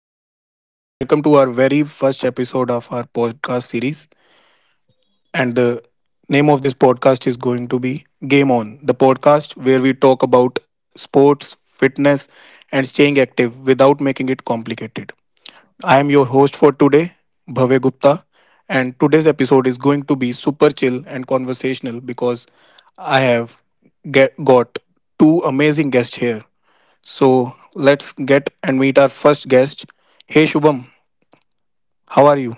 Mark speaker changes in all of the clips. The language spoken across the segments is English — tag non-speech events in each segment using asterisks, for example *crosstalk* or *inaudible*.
Speaker 1: everyone. Welcome to our very first episode of our podcast series. And the name of this podcast is going to be Game On, the podcast where we talk about sports, fitness, and staying active without making it complicated. I am your host for today, Bhavya Gupta. And today's episode is going to be super chill and conversational because I have get, got two amazing guests here. So let's get and meet our first guest. Hey, Shubham. How are you?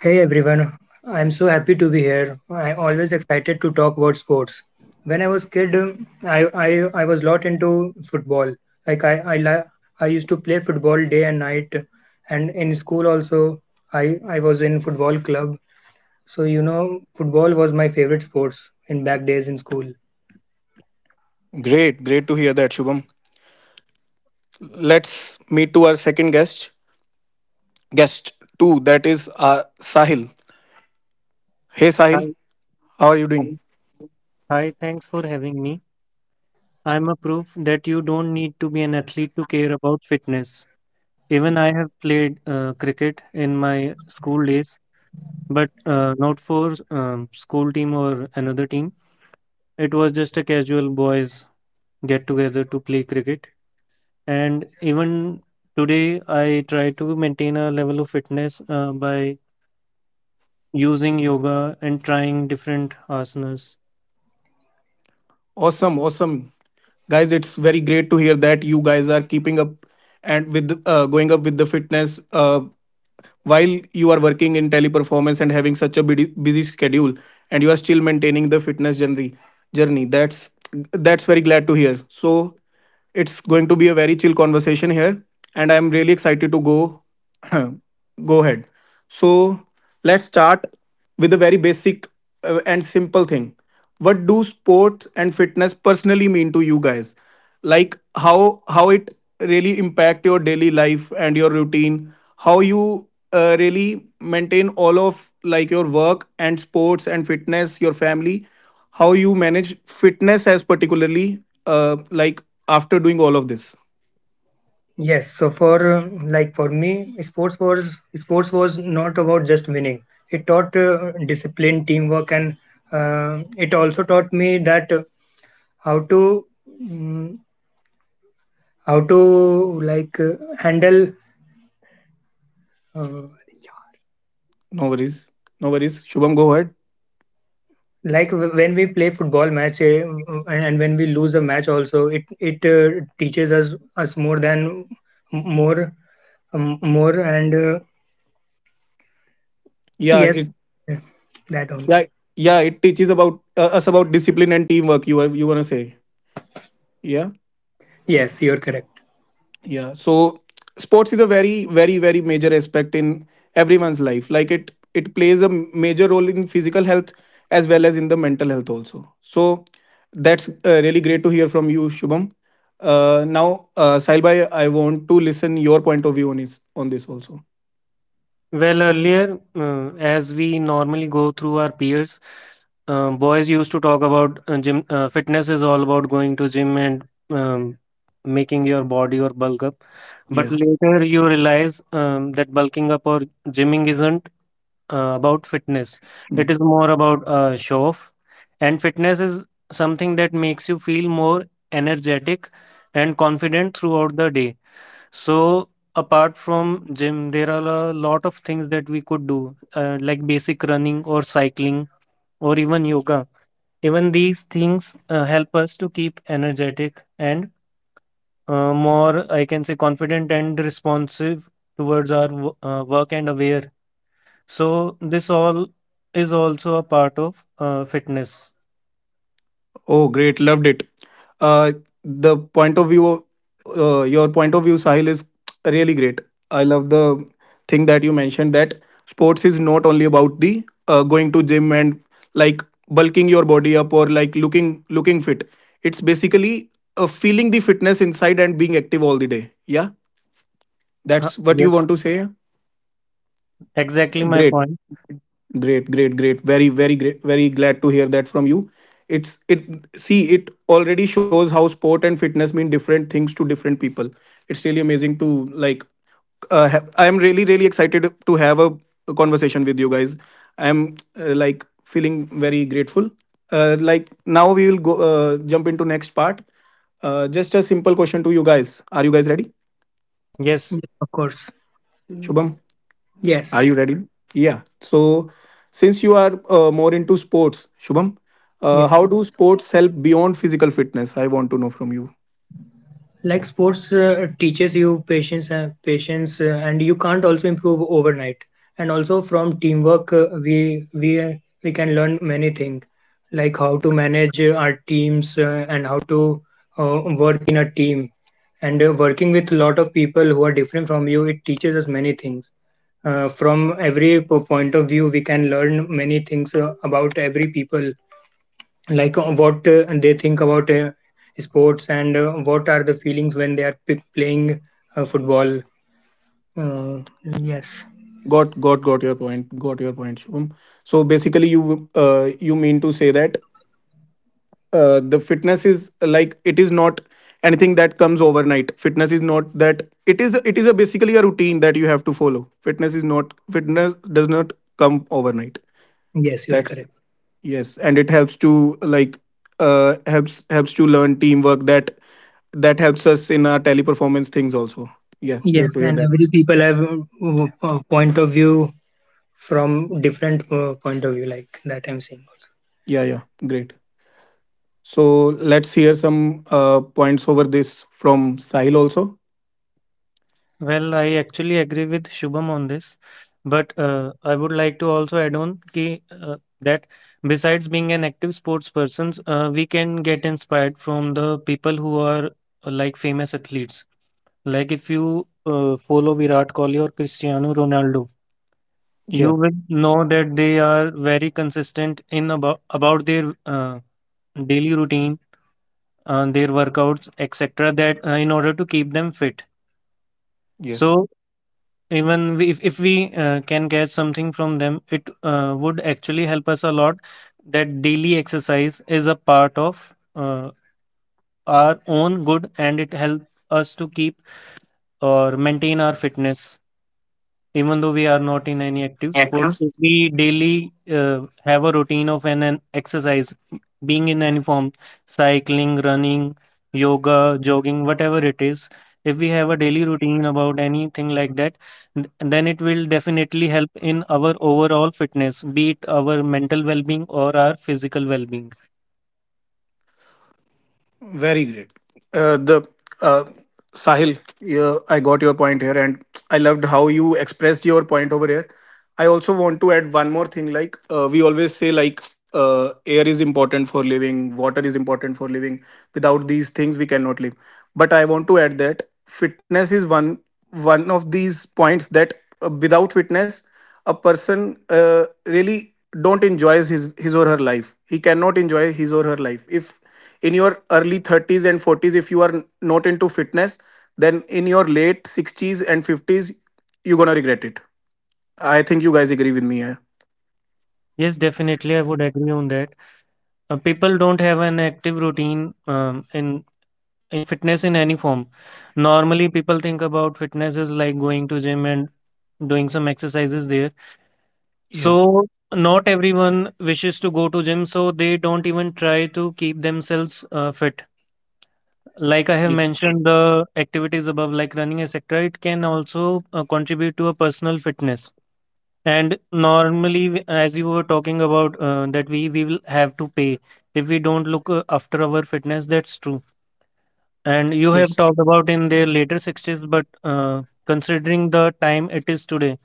Speaker 2: Hey everyone, I'm so happy to be here. I'm always excited to talk about sports. When I was kid, I was lot into football. Like I I li- I used to play football day and night, and in school also I I was in football club. So you know, football was my favorite sports in back days in school.
Speaker 1: Great, great to hear that, Shubham. Let's meet to our second guest. Guest two, that is Sahil. Hey,
Speaker 3: Hi,
Speaker 1: Sahil, how are you
Speaker 3: hi,
Speaker 1: doing?
Speaker 3: hi, thanks for having me. I'm a proof that you don't need to be an athlete to care about fitness. Even I have played cricket in my school days, but not for school team or another team. It was just a casual boys get together to play cricket. And even today, I try to maintain a level of fitness by using yoga and trying different asanas.
Speaker 1: Awesome, awesome, guys. It's very great to hear that you guys are keeping up and with going up with the fitness. While you are working in teleperformance and having such a busy schedule and you are still maintaining the fitness journey that's very glad to hear, so it's going to be a very chill conversation here, and I'm really excited to go *clears throat* go ahead, so let's start with a very basic and simple thing. What do sports and fitness personally mean to you guys? Like how it really impact your daily life and your routine, how you really maintain all of like your work and sports and fitness, your family, how you manage fitness as particularly like after doing all of this.
Speaker 2: Yes, so for uh, for me, sports was not about just winning. It taught discipline, teamwork, and it also taught me that. How to mm, how to like handle uh,
Speaker 1: No worries. No worries. Shubham, go ahead.
Speaker 2: like w- When we play football match and when we lose a match also it teaches us more than more more and
Speaker 1: Yeah,
Speaker 2: yes
Speaker 1: it.
Speaker 2: that
Speaker 1: Yeah,
Speaker 2: only
Speaker 1: yeah, it teaches about us about discipline and teamwork, you are you want to say. Yeah,
Speaker 2: Yes, you're correct.
Speaker 1: yeah so sports is a very, very, very major aspect in everyone's life, like it plays a major role in physical health as well as in the mental health also, so that's really great to hear from you, Shubham. Now, Sahil bhai, I want to listen your point of view on this, on this also.
Speaker 3: Well, earlier, as we normally go through our peers, boys used to talk about gym. Fitness is all about going to gym and um, making your body or bulk up. But
Speaker 1: Yes.
Speaker 3: later, you realize that bulking up or gymming isn't about fitness. It is more about show off. And fitness is something that makes you feel more energetic and confident throughout the day. So apart from gym, there are a lot of things that we could do, like basic running or cycling or even yoga. Even these things help us to keep energetic and more, I can say, confident and responsive towards our work and aware. So this all is also a part of fitness.
Speaker 1: Oh, great. Loved it. Uh, the point of view, Your point of view, Sahil, is really great. I love the thing that you mentioned, that sports is not only about the going to gym and like bulking your body up or like looking fit. It's basically feeling the fitness inside and being active all the day. Yeah,
Speaker 3: Huh,
Speaker 1: that's what
Speaker 3: yes,
Speaker 1: you want to say.
Speaker 3: exactly my
Speaker 1: Great,
Speaker 3: point.
Speaker 1: great, great, great. Very, very great. Very glad to hear that from you. It's it. See, it already shows how sport and fitness mean different things to different people. It's really amazing to like. I am really, really excited to have a conversation with you guys. I am like feeling very grateful. Like now we will go jump into next part. Just a simple question to you guys. Are you guys ready?
Speaker 3: Yes.
Speaker 2: Of course,
Speaker 1: Shubham. Are
Speaker 2: yes,
Speaker 1: you ready? Yeah. So, since you are more into sports, Shubham,
Speaker 2: yes.
Speaker 1: how do sports help beyond physical fitness? I want to know from you.
Speaker 2: Like sports teaches you patience, and you can't also improve overnight. And also from teamwork, we can learn many things, like how to manage our teams and how to work in a team. And working with lot of people who are different from you, it teaches us many things. From every point of view, we can learn many things about every people like what they think about sports and what are the feelings when they are playing football uh, yes.
Speaker 1: Got your point. Got your point, Shubham. So basically, you you mean to say that the fitness is like it is not anything that comes overnight. Fitness is not that it is a basically a routine that you have to follow. Fitness is not fitness does not come overnight.
Speaker 2: Yes, you're
Speaker 1: That's
Speaker 2: correct.
Speaker 1: yes, and it helps to like helps helps to learn teamwork, that that helps us in our teleperformance things also. Yeah,
Speaker 2: Yes,
Speaker 1: great to
Speaker 2: and
Speaker 1: hear that.
Speaker 2: every people have point of view from different point of view, like that I'm saying.
Speaker 1: Yeah, yeah, great. So let's hear some points over this from Sahil also.
Speaker 3: Well, I actually agree with Shubham on this, but I would like to also add on that besides being an active sports persons, we can get inspired from the people who are like famous athletes. Like if you follow Virat Kohli or Cristiano Ronaldo, you
Speaker 1: Yeah.
Speaker 3: will know that they are very consistent in about their daily routine, their workouts, etc. That in order to keep them fit.
Speaker 1: Yes.
Speaker 3: So even we, if we can get something from them, it would actually help us a lot, that daily exercise is a part of our own good, and it helps us to keep or maintain our fitness. Even though we are not in any active sport, if we daily have a routine of an exercise, being in any form, cycling, running, yoga, jogging, whatever it is, if we have a daily routine about anything like that, then it will definitely help in our overall fitness, be it our mental well-being or our physical well-being.
Speaker 1: Very great. The uh, Sahil, yeah, I got your point here, and I loved how you expressed your point over here. I also want to add one more thing. Like we always say, like air is important for living, water is important for living. Without these things, we cannot live. But I want to add that fitness is one of these points, that without fitness, a person really don't enjoys his or her life. He cannot enjoy his or her life. If in your early thirties and forties, if you are not into fitness, then in your late sixties and fifties, you're gonna regret it. I think you guys agree with me here.
Speaker 3: Yes, definitely, I would agree on that. People don't have an active routine in fitness in any form. Normally, people think about fitness is like going to gym and doing some exercises there.
Speaker 1: Yeah.
Speaker 3: So not everyone wishes to go to gym, so they don't even try to keep themselves fit. Like I have
Speaker 1: Yes.
Speaker 3: mentioned, the activities above, like running, etc., it can also contribute to a personal fitness. And normally, as you were talking about, that we will have to pay if we don't look after our fitness. That's true. And you have
Speaker 1: Yes.
Speaker 3: talked about in the later 60s, but considering the time it is today,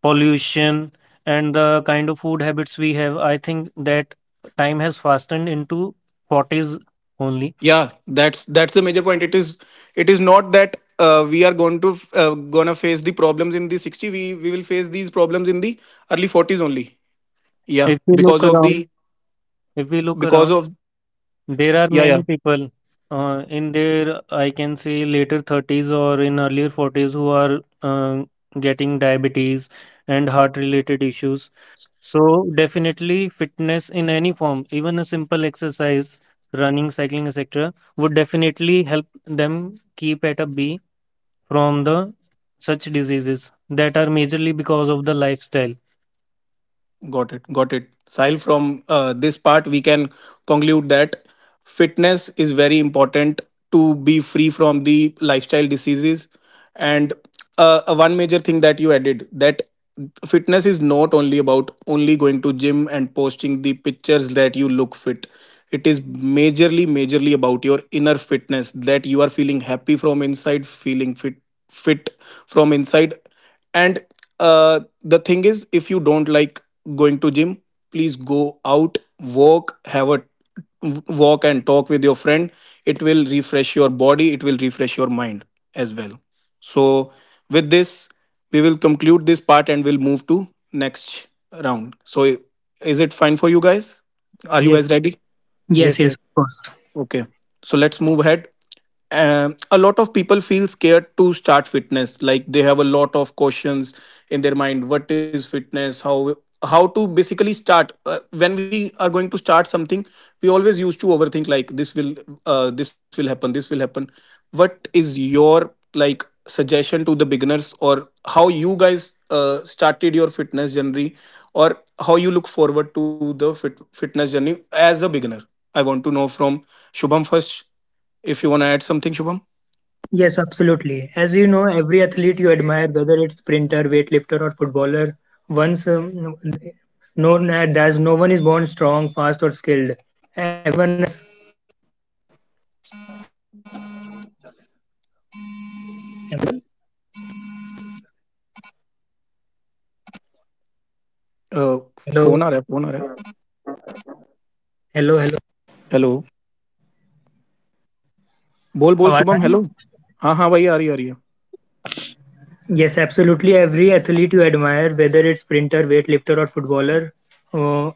Speaker 3: pollution and the kind of food habits we have, I think that time has fastened into 40s only.
Speaker 1: Yeah. That's the major point. It is not that we are going to f- gonna face the problems in the 60. We will face these problems in the early 40s only. Yeah.
Speaker 3: If we look
Speaker 1: Because of
Speaker 3: around,
Speaker 1: the
Speaker 3: if we
Speaker 1: because
Speaker 3: look
Speaker 1: of
Speaker 3: around,
Speaker 1: yeah
Speaker 3: there are
Speaker 1: yeah.
Speaker 3: many people in their, I can say, later 30s or in earlier 40s who are getting diabetes and heart-related issues. So definitely fitness in any form, even a simple exercise, running, cycling, etc., would definitely help them keep at a B from the such diseases that are majorly because of the lifestyle.
Speaker 1: Got it. Got it. Sahil, from this part, we can conclude that fitness is very important to be free from the lifestyle diseases. And one major thing that you added, that fitness is not only about only going to gym and posting the pictures that you look fit. It is majorly, majorly about your inner fitness, that you are feeling happy from inside, feeling fit, fit from inside, and the thing is, if you don't like going to gym, please go out, walk, have a walk and talk with your friend. It will refresh your body, it will refresh your mind as well. So with this we will conclude this part and we'll move to next round. So is it fine for you guys, are you
Speaker 3: Yes,
Speaker 1: guys ready?
Speaker 2: Yes,
Speaker 3: yes,
Speaker 2: yes, of
Speaker 3: yes.
Speaker 2: course.
Speaker 1: Okay, so let's move ahead. A lot of people feel scared to start fitness. Like they have a lot of questions in their mind. What is fitness? How to basically start? When we are going to start something, we always used to overthink. Like this will happen. This will happen. What is your like suggestion to the beginners, or how you guys started your fitness journey, or how you look forward to the fitness journey as a beginner? I want to know from Shubham first. If you want add something, Shubham.
Speaker 2: Yes, absolutely. As you know, every athlete you admire, whether it's sprinter, weightlifter, or footballer, once known as
Speaker 1: uh, phone आ रहा है, phone आ रहा है. Hello. बोल, बोल Shubham,
Speaker 2: Am I
Speaker 1: hello.
Speaker 2: right?
Speaker 1: हाँ, हाँ भाई, आ रही है, आ रही है.
Speaker 2: Yes, absolutely. Every athlete you admire, whether it's sprinter, weightlifter, or footballer, uh,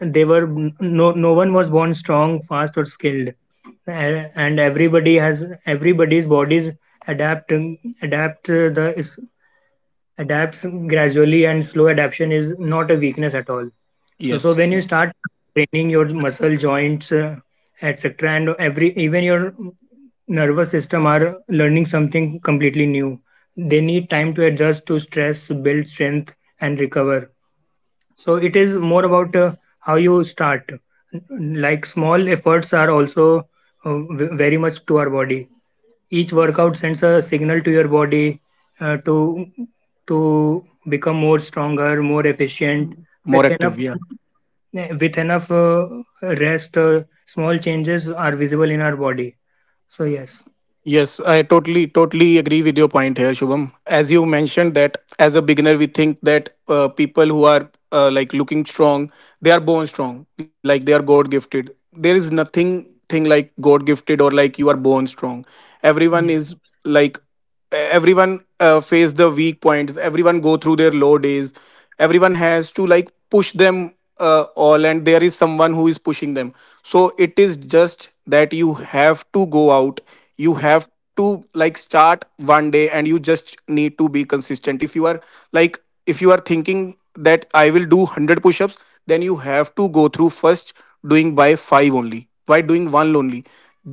Speaker 2: they were no, no one was born strong, fast, or skilled, and everybody has everybody's bodies adapt adapt the is adapts gradually, and slow adaptation is not a weakness at all. so
Speaker 1: yes.
Speaker 2: so when you start training your muscle joints, etc, and every even your nervous system are learning something completely new, they need time to adjust to stress, build strength, and recover. So it about how you start. Like small efforts are also very much to our body. Each workout sends a signal to your body, uh, to to become more stronger, more efficient. With
Speaker 1: more active.
Speaker 2: enough with enough rest, small changes are visible in our body. So yes,
Speaker 1: Yes, I totally totally agree with your point here, Shubham. As you mentioned that as a beginner, we think that people who are like looking strong, they are born strong, like they are God gifted. There is nothing thing like God gifted or like you are born strong.
Speaker 2: yes,
Speaker 1: Everyone is like everyone face the weak points, everyone go through their low days, everyone has to like push them all, and there is someone who is pushing them, so it is just that you have to go out, you have to like start one day, and you just need to be consistent. If you are like if you are thinking that I will do 100 push-ups, then you have to go through first doing by 5 only, by doing one only.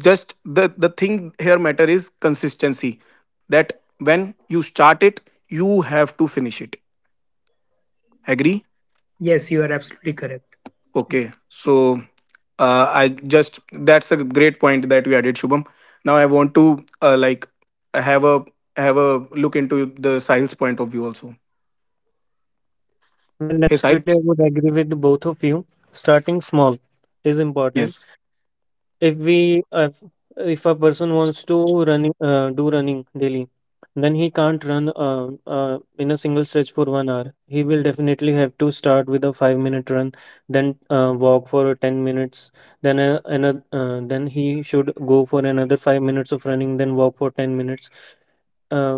Speaker 1: Just the thing here matter is consistency, that when you start it, you have to finish it. Agree?
Speaker 2: yes, you are absolutely correct.
Speaker 1: Okay. So I just that's a great point that we added, Shubham. Now I want to like have a have a look into the Sahil's point of view also.
Speaker 3: Well,
Speaker 1: Hey,
Speaker 3: absolutely,
Speaker 1: Sahil.
Speaker 3: I would agree with both of you. Starting small is important.
Speaker 1: Yes.
Speaker 3: If we if a person wants to running, do running daily, then he can't run in a single stretch for 1 hour. He will definitely have to start with a 5 minute run, then walk for 10 minutes, then a, another then he should go for another 5 minutes of running, then walk for 10 minutes. uh,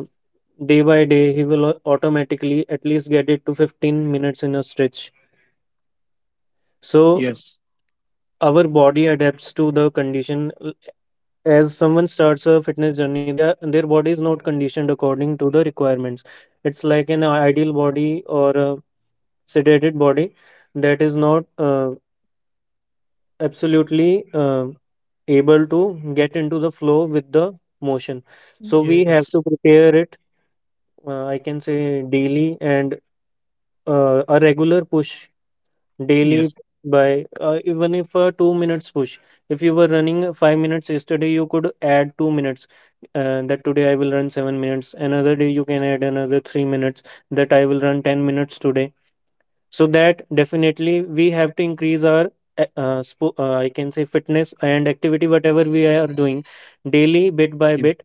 Speaker 3: Day by day, he will automatically at least get it to 15 minutes in a stretch. So our body adapts to the condition. As someone starts a fitness journey, their body is not conditioned according to the requirements. It's like an ideal body or a sedated body, that is not absolutely able to get into the flow with the motion. So we
Speaker 1: Yes.
Speaker 3: have to prepare it, I can say daily, and a regular push daily,
Speaker 1: Yes.
Speaker 3: by even if a 2 minutes push. If you were running 5 minutes yesterday, you could add 2 minutes, that today I will run 7 minutes. Another day you can add another 3 minutes, that I will run 10 minutes today. So that definitely we have to increase our I can say fitness and activity, whatever we are doing daily, bit by
Speaker 1: You-
Speaker 3: bit.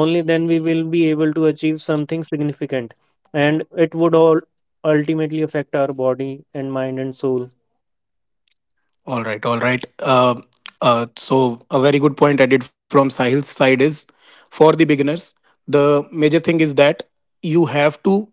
Speaker 3: Only then we will be able to achieve something significant, and it would all ultimately affect our body and mind and soul.
Speaker 1: All right. All right. So a very good point added from Sahil's side is, for the beginners, the major thing is that you have to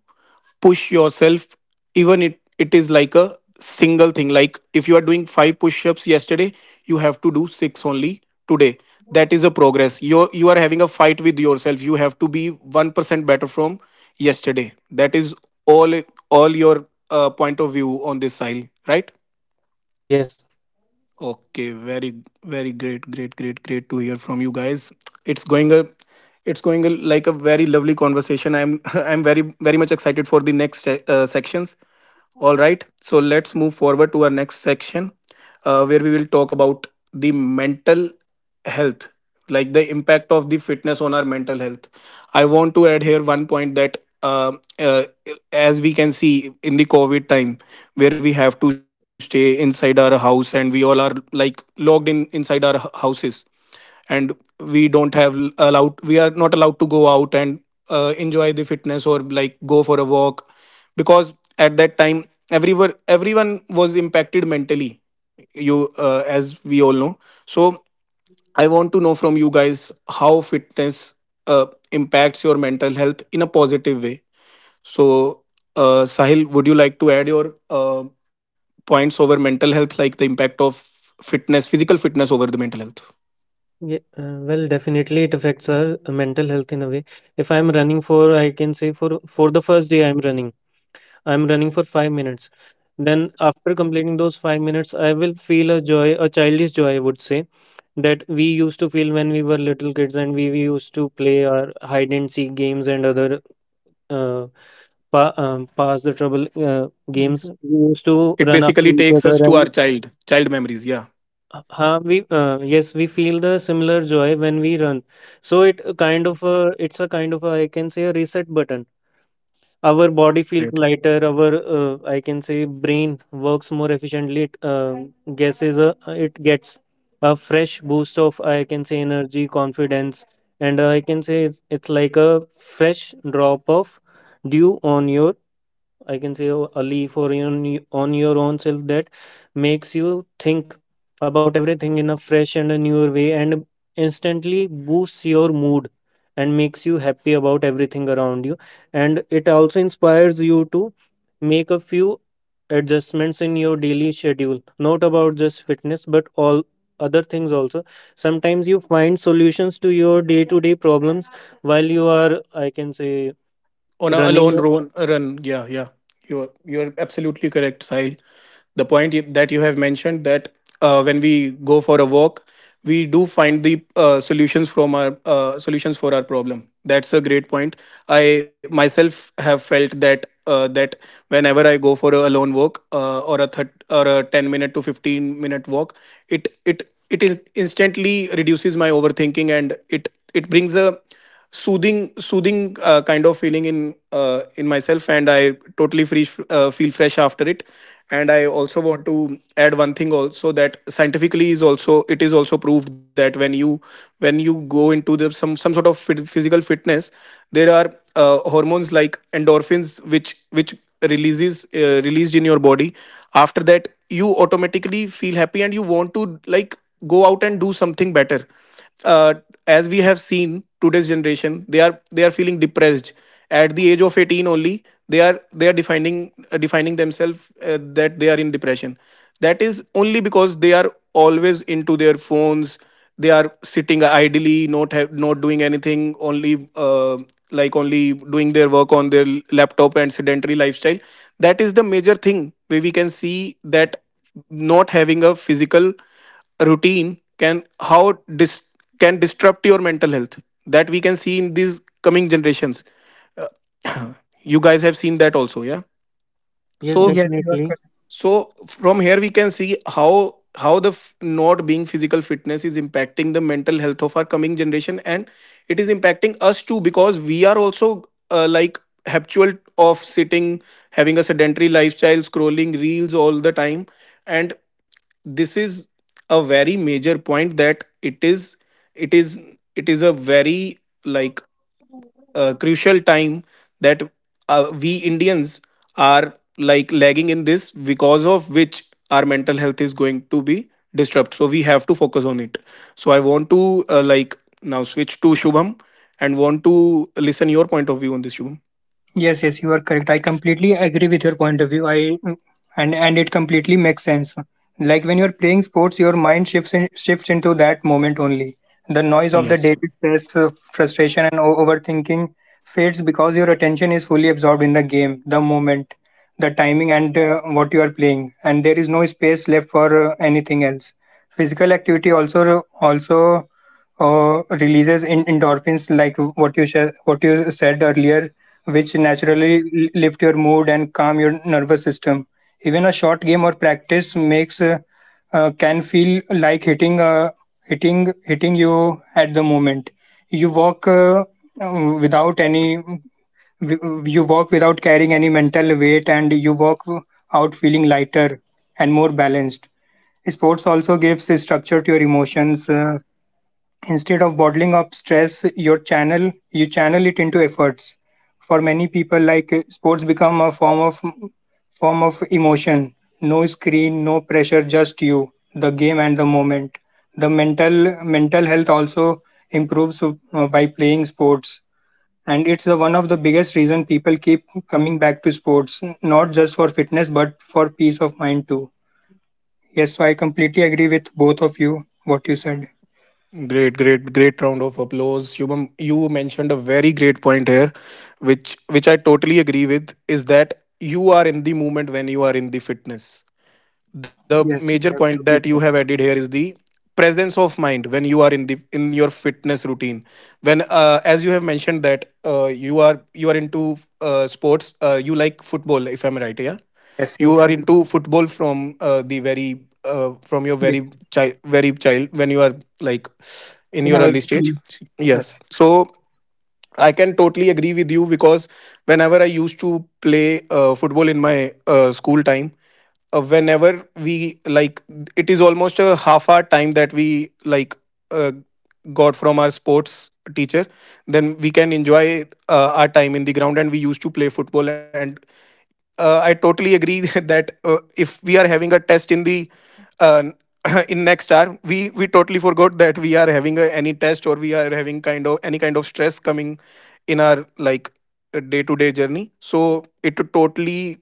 Speaker 1: push yourself, even it it is like a single thing, like if you are doing 5 push-ups yesterday, you have to do 6 only today. That is a progress, you are having a fight with yourself, you have to be 1% better from yesterday. That is all all your point of view on this side, right?
Speaker 3: Yes,
Speaker 1: Okay, very, very great, great, great, great to hear from you guys. It's going a, it's going a, like a very lovely conversation. I'm, *laughs* I'm very, very much excited for the next sections. All right, so let's move forward to our next section, where we will talk about the mental health, like the impact of the fitness on our mental health. I want to add here one point that. Uh, as we can see in the covid time, where we have to stay inside our house and we all are like locked in inside our houses, and we don't have allowed, we are not allowed to go out and enjoy the fitness or like go for a walk, because at that time everyone was impacted mentally, you as we all know. So I want to know from you guys, how fitness impacts your mental health in a positive way. So, Sahil, would you like to add your points over mental health, like the impact of fitness, physical fitness over the mental health?
Speaker 3: yeah, well, definitely it affects our mental health in a way. If I'm running for, I can say, for the first day I'm running for 5 minutes. Then after completing those 5 minutes, I will feel a joy, a childish joy, I would say, that we used to feel when we were little kids and we used to play our hide and seek games and other uh, pa pass the trouble
Speaker 1: Yes.
Speaker 3: games. We used
Speaker 1: It
Speaker 3: to
Speaker 1: basically
Speaker 3: run
Speaker 1: takes
Speaker 3: after
Speaker 1: us
Speaker 3: each
Speaker 1: to our
Speaker 3: other, and
Speaker 1: child, child memories. Yeah.
Speaker 3: Huh, we, yes, we feel the similar joy when we run. So it a
Speaker 1: Yes.
Speaker 3: kind of a, it's a kind of a, I can say, a reset button. Our body
Speaker 1: Great.
Speaker 3: feels lighter. Our I can say brain works more efficiently. It it gets a fresh boost of, I can say, energy, confidence, and I can say it's, like a fresh drop of dew on your, I can say, a leaf, or on your own self, that makes you think about everything in a fresh and a newer way, and instantly boosts your mood and makes you happy about everything around you, and it also inspires you to make a few adjustments in your daily schedule, not about just fitness but all other things also. Sometimes you find solutions to your day to day problems while you are, I can say,
Speaker 1: On a
Speaker 3: running.
Speaker 1: alone run, run. Yeah, yeah. You're absolutely correct, Sahil. The point that you have mentioned that when we go for a walk, we do find the solutions for our problem. That's a great point. I myself have felt that whenever I go for a alone walk or a 10 minute to 15 minute walk, it it it is instantly reduces my overthinking, and it brings a soothing kind of feeling in myself, and I totally free feel fresh after it. And I also want to add one thing also, that scientifically is also it is also proved that when you go into the some sort of physical fitness, there are hormones like endorphins which releases released in your body. After that you automatically feel happy and you want to like go out and do something better. uh, as we have seen, today's generation, they are feeling depressed. At the age of 18 only, they are defining themselves that they are in depression. That is only because they are always into their phones. They are sitting idly, not doing anything only, only doing their work on their laptop and sedentary lifestyle. That is the major thing where we can see that not having a physical routine can can disrupt your mental health, that we can see in these coming generations. Uh, *clears throat* you guys have seen that also, yeah.
Speaker 3: Yes,
Speaker 1: So
Speaker 2: Yes, you are.
Speaker 3: definitely.
Speaker 1: so from here we can see how not being physical fitness is impacting the mental health of our coming generation, and it is impacting us too, because we are also uh, like habitual of sitting, having a sedentary lifestyle, scrolling reels all the time. And this is a very major point, that it is it is a very like crucial time that we Indians are like lagging in this, because of which our mental health is going to be disrupted. So we have to focus on it. So I want to now switch to Shubham, and want to listen your point of view on this, Shubham.
Speaker 2: Yes, yes, you are correct. I completely agree with your point of view. I and it completely makes sense. Like when you're playing sports, your mind shifts into that moment only. The noise of the
Speaker 1: Yes.
Speaker 2: daily stress, frustration, and overthinking fades because your attention is fully absorbed in the game, the moment, the timing, and what you are playing, and there is no space left for anything else. Physical activity also releases in endorphins, like what you said earlier, which
Speaker 1: Yes.
Speaker 2: naturally lift your mood and calm your nervous system. Even a short game or practice makes can feel like hitting you at the moment. You walk uh, um, without any you walk without carrying any mental weight, and you walk out feeling lighter and more balanced. Sports also gives structure to your emotions. Instead of bottling up stress, you channel it into efforts. For many people, like sports become a form of emotion. No screen, no pressure, just you, the game, and the moment. The mental health also improves by playing sports, and it's the one of the biggest reason people keep coming back to sports, not just for fitness but for peace of mind too. Yes, so I completely agree with both of you what you said.
Speaker 1: Great, great, great round of applause. Shubham, you mentioned a very great point here, which I totally agree with, is that you are in the movement when you are in the fitness. The major
Speaker 2: Yes, you
Speaker 1: point
Speaker 2: are
Speaker 1: that you
Speaker 2: absolutely.
Speaker 1: have added here is the presence of mind when you are in the in your fitness routine, when as you have mentioned that you are into sports. You like football, if I'm right, yeah.
Speaker 2: Yes, you
Speaker 1: You are
Speaker 2: could-
Speaker 1: into football from the very from your very
Speaker 2: be-
Speaker 1: child very child, when you are like in
Speaker 2: then
Speaker 1: your
Speaker 2: I was
Speaker 1: early stage. Yes.
Speaker 2: yes.
Speaker 1: So I can totally agree with you because whenever I used to play football in my school time, uh, whenever we like, it is almost a half hour time that we like uh, got from our sports teacher. Then we can enjoy our time in the ground, and we used to play football. And I totally agree *laughs* that if we are having a test in the uh, *clears throat* in next hour, we totally forgot that we are having a, any test, or we are having kind of any kind of stress coming in our like day to day journey. So it totally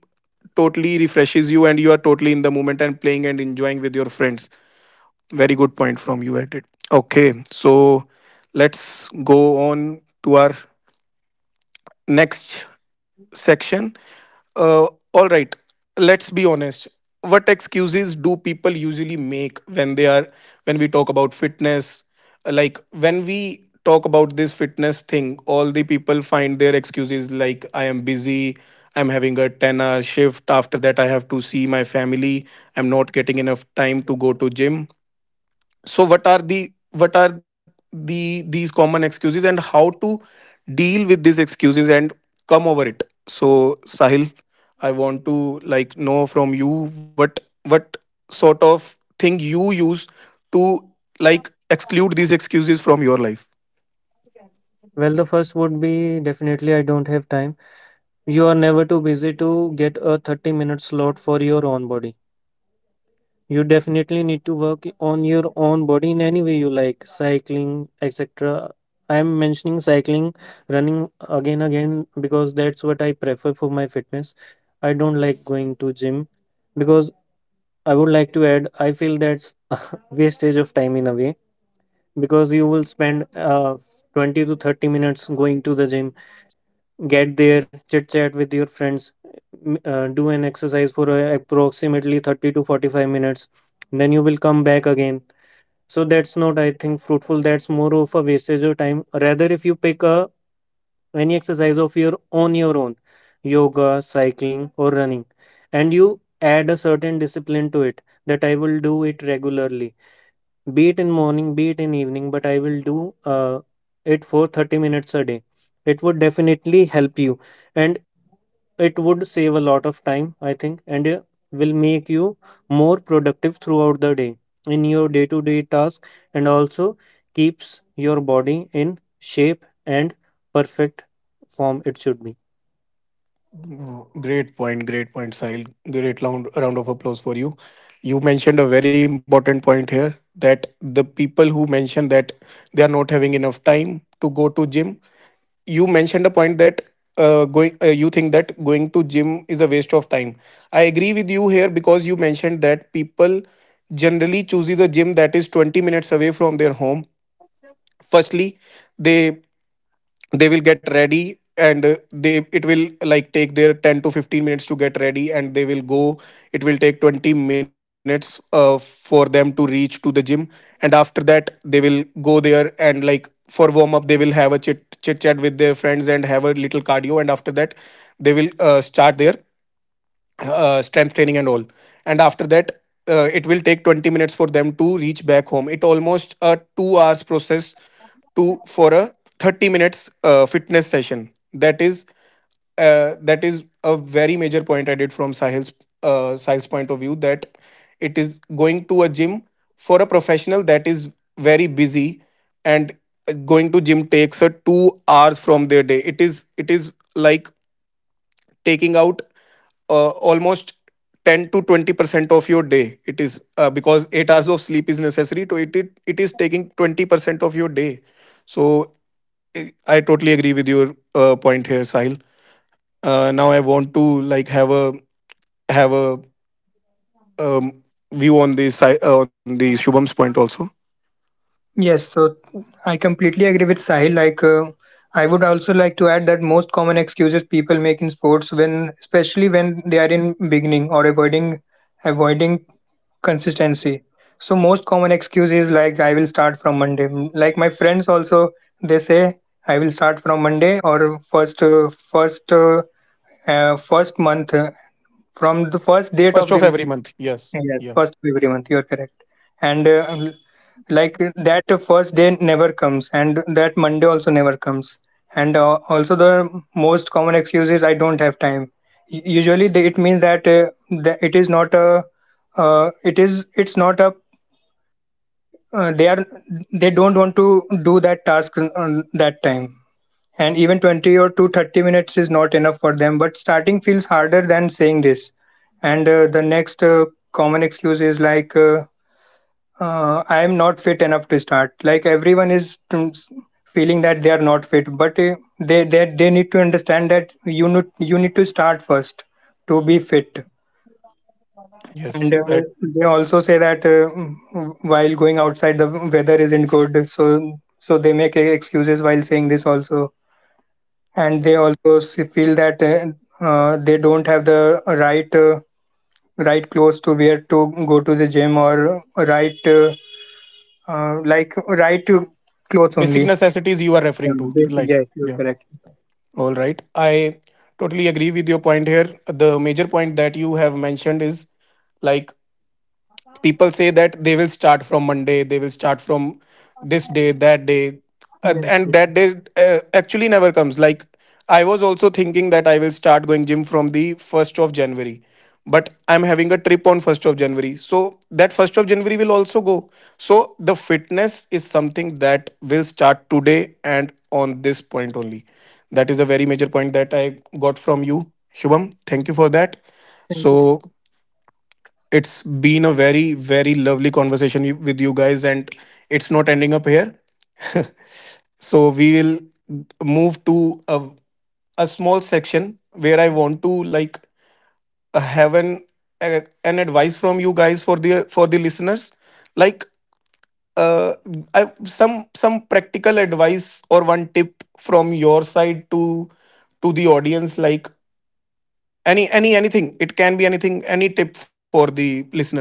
Speaker 1: totally refreshes you, and you are totally in the moment and playing and enjoying with your friends. Very good point from you at it. Okay, so let's go on to our next section. Uh, all right, let's be honest. What excuses do people usually make when they are when we talk about fitness? Like when we talk about this fitness thing, all the people find their excuses like I am busy, I'm having a 10-hour shift, after that I have to see my family, I'm not getting enough time to go to gym. So what are the these common excuses, and how to deal with these excuses and come over it? So Sahil, I want to know from you, what what sort of thing you use to like exclude these excuses from your life.
Speaker 3: Well, the first would be definitely I don't have time. You are never too busy to get a 30-minute slot for your own body. You definitely need to work on your own body in any way you like, cycling, etc. I'm mentioning cycling, running again because that's what I prefer for my fitness. I don't like going to gym because I would like to add, I feel that's *laughs* wastage of time in a way, because you will spend 20 to 30 minutes going to the gym, get there, chit chat with your friends, do an exercise for approximately 30 to 45 minutes. Then you will come back again. So that's not, I think, fruitful. That's more of a wastage of time. Rather, if you pick a any exercise of your on your own, yoga, cycling, or running, and you add a certain discipline to it, that I will do it regularly, be it in morning, be it in evening, but I will do it for 30 minutes a day. It would definitely help you, and it would save a lot of time, I think, and will make you more productive throughout the day in your day to day task, and also keeps your body in shape and perfect form it should be.
Speaker 1: Great point, great point, Sahil. Great round of applause for you. You mentioned a very important point here, that the people who mention that they are not having enough time to go to gym, you mentioned a point that going you think that going to gym is a waste of time. I agree with you here because you mentioned that people generally chooses a gym that is 20 minutes away from their home. Firstly, they they will get ready, and they it will like take their 10 to 15 minutes to get ready, and they will go. It will take 20 minutes for them to reach to the gym. And after that, they will go there, and like for warm up they will have a chit chat with their friends and have a little cardio. And after that, they will start their strength training and all. And after that, it will take 20 minutes for them to reach back home. It almost a 2 hours process to for a 30 minutes fitness session. That is that is a very major point I did from Sahil's point of view, that it is going to a gym for a professional that is very busy. And going to gym takes a 2 hours from their day. It is like taking out almost 10 to 20% of your day. It is because 8 hours of sleep is necessary. So it is taking 20% of your day. so i I totally agree with your point here, Sahil. Now I want to like have a um, view on the on the Shubham's point also.
Speaker 2: Yes, so I completely agree with Sahil. Like, I would also like to add that most common excuses people make in sports, when especially when they are in beginning or avoiding consistency. So most common excuse is like I will start from Monday. Like my friends also, they say I will start from Monday or first uh, first uh, first month from the first date
Speaker 1: First
Speaker 2: of
Speaker 1: of
Speaker 2: the
Speaker 1: every
Speaker 2: month.
Speaker 1: month, yes.
Speaker 2: Yes, first of every month, you are correct. And like that first day never comes, and that Monday also never comes. And also, the most common excuse is I don't have time. Usually, they, it means that, that it is not a, it is, it's not a, uh, they are, they don't want to do that task on that time. And even 20 or to 30 minutes is not enough for them. But starting feels harder than saying this. And the next common excuse is like, I am not fit enough to start. Like everyone is feeling that they are not fit, but they they need to understand that you need to start first to be fit.
Speaker 1: Yeah,
Speaker 2: And
Speaker 1: yes. I,
Speaker 2: they also say that while going outside, the weather isn't good, so so they make excuses while saying this also. And they also feel that they don't have the right right clothes to wear to go to the gym or right. Like right to clothes
Speaker 1: basic
Speaker 2: only.
Speaker 1: necessities you are
Speaker 2: Yeah,
Speaker 1: referring to.
Speaker 2: basically,
Speaker 1: Like
Speaker 2: yes, you're
Speaker 1: yeah.
Speaker 2: correct.
Speaker 1: All right. I totally agree with your point here. The major point that you have mentioned is like people say that they will start from Monday, they will start from this day, that day.
Speaker 2: Yes,
Speaker 1: And that
Speaker 2: yes,
Speaker 1: day actually never comes. Like, I was also thinking that I will start going gym from the 1st of January, but I'm having a trip on 1st of January, so that 1st of January will also go. So the fitness is something that will start today, and on this point only. That is a very major point that I got from you, Shubham. Thank you for that.
Speaker 2: thank you.
Speaker 1: So it's been a very, very lovely conversation with you guys, and it's not ending up here. *laughs* So we will move to a small section where I want to have an advice from you guys for the listeners. Like uh, some practical advice or one tip from your side to the audience. Like anything. It can be anything. Any tip for the listeners,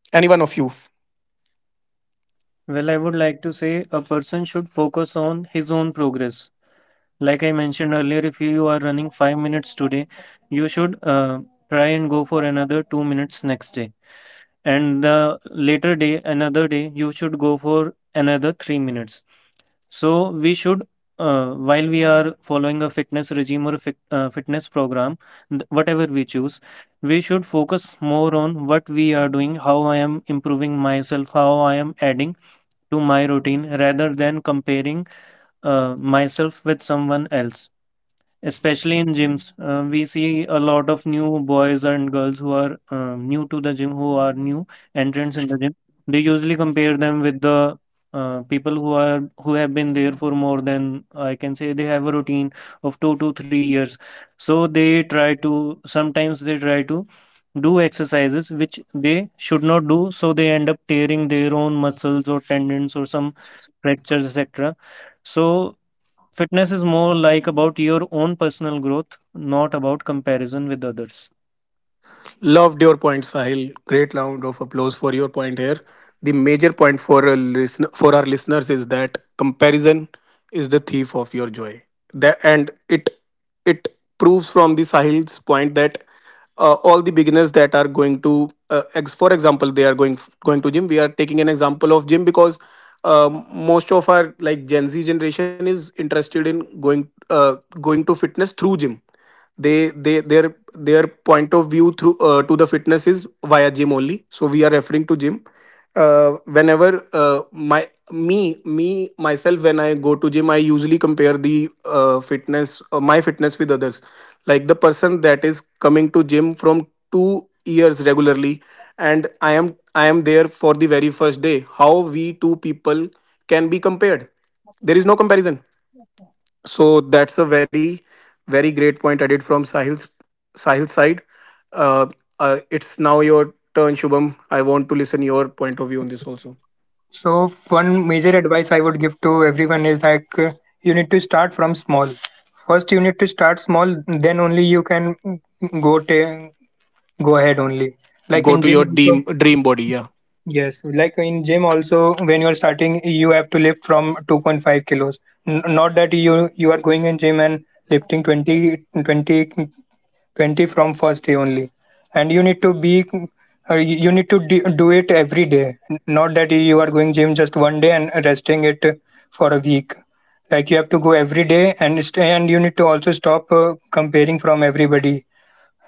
Speaker 1: any one of you.
Speaker 3: Well, I would like to say a person should focus on his own progress. Like I mentioned earlier, if you are running 5 minutes today, you should try and go for another 2 minutes next day, and the later day, another day, you should go for another 3 minutes. So we should, while we are following a fitness regime or a fitness program, whatever we choose, we should focus more on what we are doing, how I am improving myself, how I am adding to my routine, rather than comparing myself with someone else, especially in gyms. We see a lot of new boys and girls who are new to the gym, who are new entrants in the gym. They usually compare them with the people who have been there for more than, I can say, they have a routine of 2 to 3 years. So they try to sometimes they try to do exercises which they should not do. So they end up tearing their own muscles or tendons or some fractures, etc. So fitness is more like about your own personal growth, not about comparison with others.
Speaker 1: Loved your point, Sahil. Great round of applause for your point here. The major point for a listener, for our listeners, is that comparison is the thief of your joy. That and it proves from the Sahil's point that all the beginners that are going to for example, they are going going to gym. We are taking an example of gym because most of our like Gen Z generation is interested in going to fitness through gym. They Their point of view through to the fitness is via gym only, so we are referring to gym. uh, Whenever my me me myself, when I go to gym, I usually compare the fitness my fitness with others, like the person that is coming to gym from 2 years regularly, and I am there for the very first day. How we two people can be compared? There is no comparison. So that's a very, very great point added from Sahil's side. Uh, it's now your turn, Shubham. I want to listen your point of view on this also.
Speaker 2: So one major advice I would give to everyone is like you need to start from small. First, you need to start small. Then only you can go ta- go ahead only. Like
Speaker 1: Go
Speaker 2: in
Speaker 1: to
Speaker 2: gym
Speaker 1: your
Speaker 2: also.
Speaker 1: dream body. Yeah.
Speaker 2: Yes, like in gym also, when you are starting, you have to lift from 2.5 kilos. Not that you are going in gym and lifting twenty. 20 from first day only, and you need to be you you need to do it every day. Not that you are going gym just one day and resting it for a week. Like you have to go every day and stay, and you need to also stop comparing from everybody,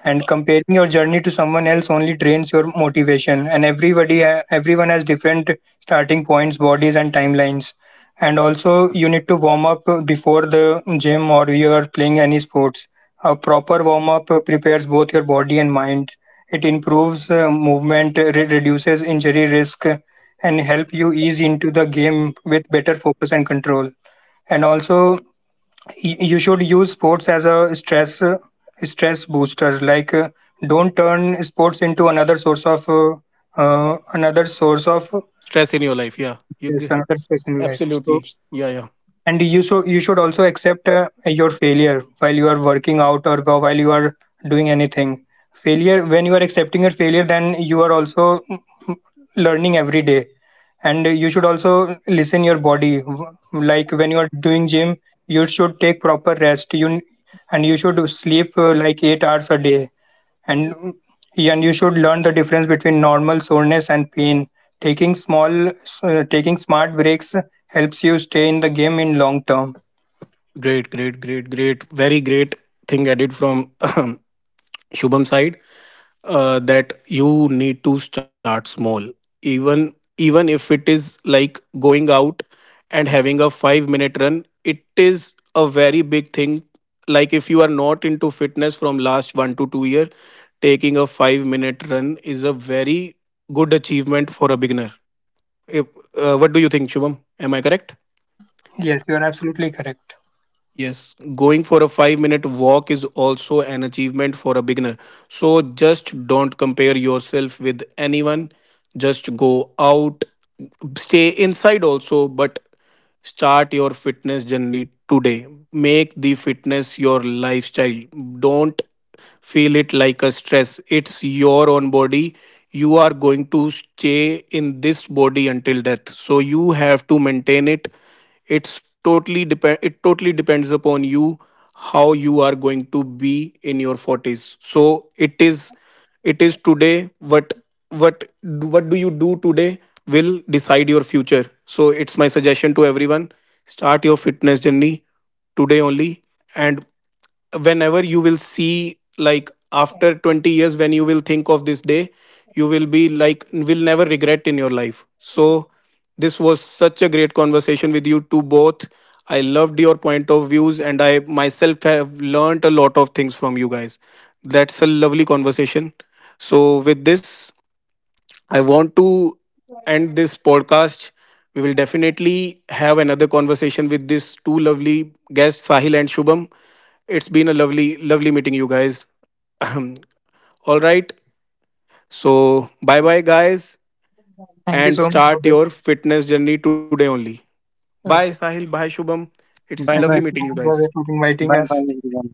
Speaker 2: and comparing your journey to someone else only drains your motivation, and everybody everyone has different starting points, bodies, and timelines. And also you need to warm up before the gym or you are playing any sports. A proper warm up prepares both your body and mind. It improves movement, reduces injury risk, and help you ease into the game with better focus and control. And also, you should use sports as a stress booster. Like don't turn sports into another source of
Speaker 1: Stress in your life. Yeah.
Speaker 2: stress, another stress
Speaker 1: *laughs*
Speaker 2: in life. So,
Speaker 1: Absolutely. Yeah. Yeah.
Speaker 2: and you should also accept your failure while you are working out or while you are doing anything failure. When you are accepting your failure, then you are also learning every day. And you should also listen your body. Like when you are doing gym, you should take proper rest, you and you should sleep like 8 hours a day. and and you should learn the difference between normal soreness and pain. Taking small taking smart breaks helps you stay in the game in long term.
Speaker 1: Great. Great. Great. Great. Very great thing added from *clears throat* Shubham side, that you need to start small. Even even if it is like going out and having a 5-minute run, it is a very big thing. Like if you are not into fitness from last 1 to 2 year, taking a 5-minute run is a very good achievement for a beginner. If, What do you think, Shubham, am I correct?
Speaker 2: Yes, you are absolutely correct.
Speaker 1: Yes, going for a 5 minute walk is also an achievement for a beginner. So just don't compare yourself with anyone. Just go out, stay inside also, but start your fitness journey today. Make the fitness your lifestyle. Don't feel it like a stress. It's your own body. You are going to stay in this body until death. So you have to maintain it. It totally depends upon you how you are going to be in your 40s. So it is today what what do you do today will decide your future. So it's my suggestion to everyone, start your fitness journey today only. And whenever you will see, like after 20 years when you will think of this day, you will be like will never regret in your life. So this was such a great conversation with you two both. I loved your point of views, and I myself have learnt a lot of things from you guys. That's a lovely conversation. So with this, I want to end this podcast. We will definitely have another conversation with these two lovely guests, Sahil and Shubham. It's been a lovely, lovely meeting you guys. *clears throat* All right. So, bye bye, guys,
Speaker 2: Thank you
Speaker 1: and
Speaker 2: so much,
Speaker 1: start
Speaker 2: Bhavya.
Speaker 1: your fitness journey today only. Bye,
Speaker 2: Okay,
Speaker 1: Sahil. Bye, Shubham. It's
Speaker 3: Bye
Speaker 2: thank
Speaker 1: lovely
Speaker 3: bye.
Speaker 2: you
Speaker 1: meeting
Speaker 2: so
Speaker 1: you
Speaker 2: much,
Speaker 1: guys.
Speaker 2: Bhavya, for inviting
Speaker 3: Bye bye,
Speaker 2: us.
Speaker 3: everyone.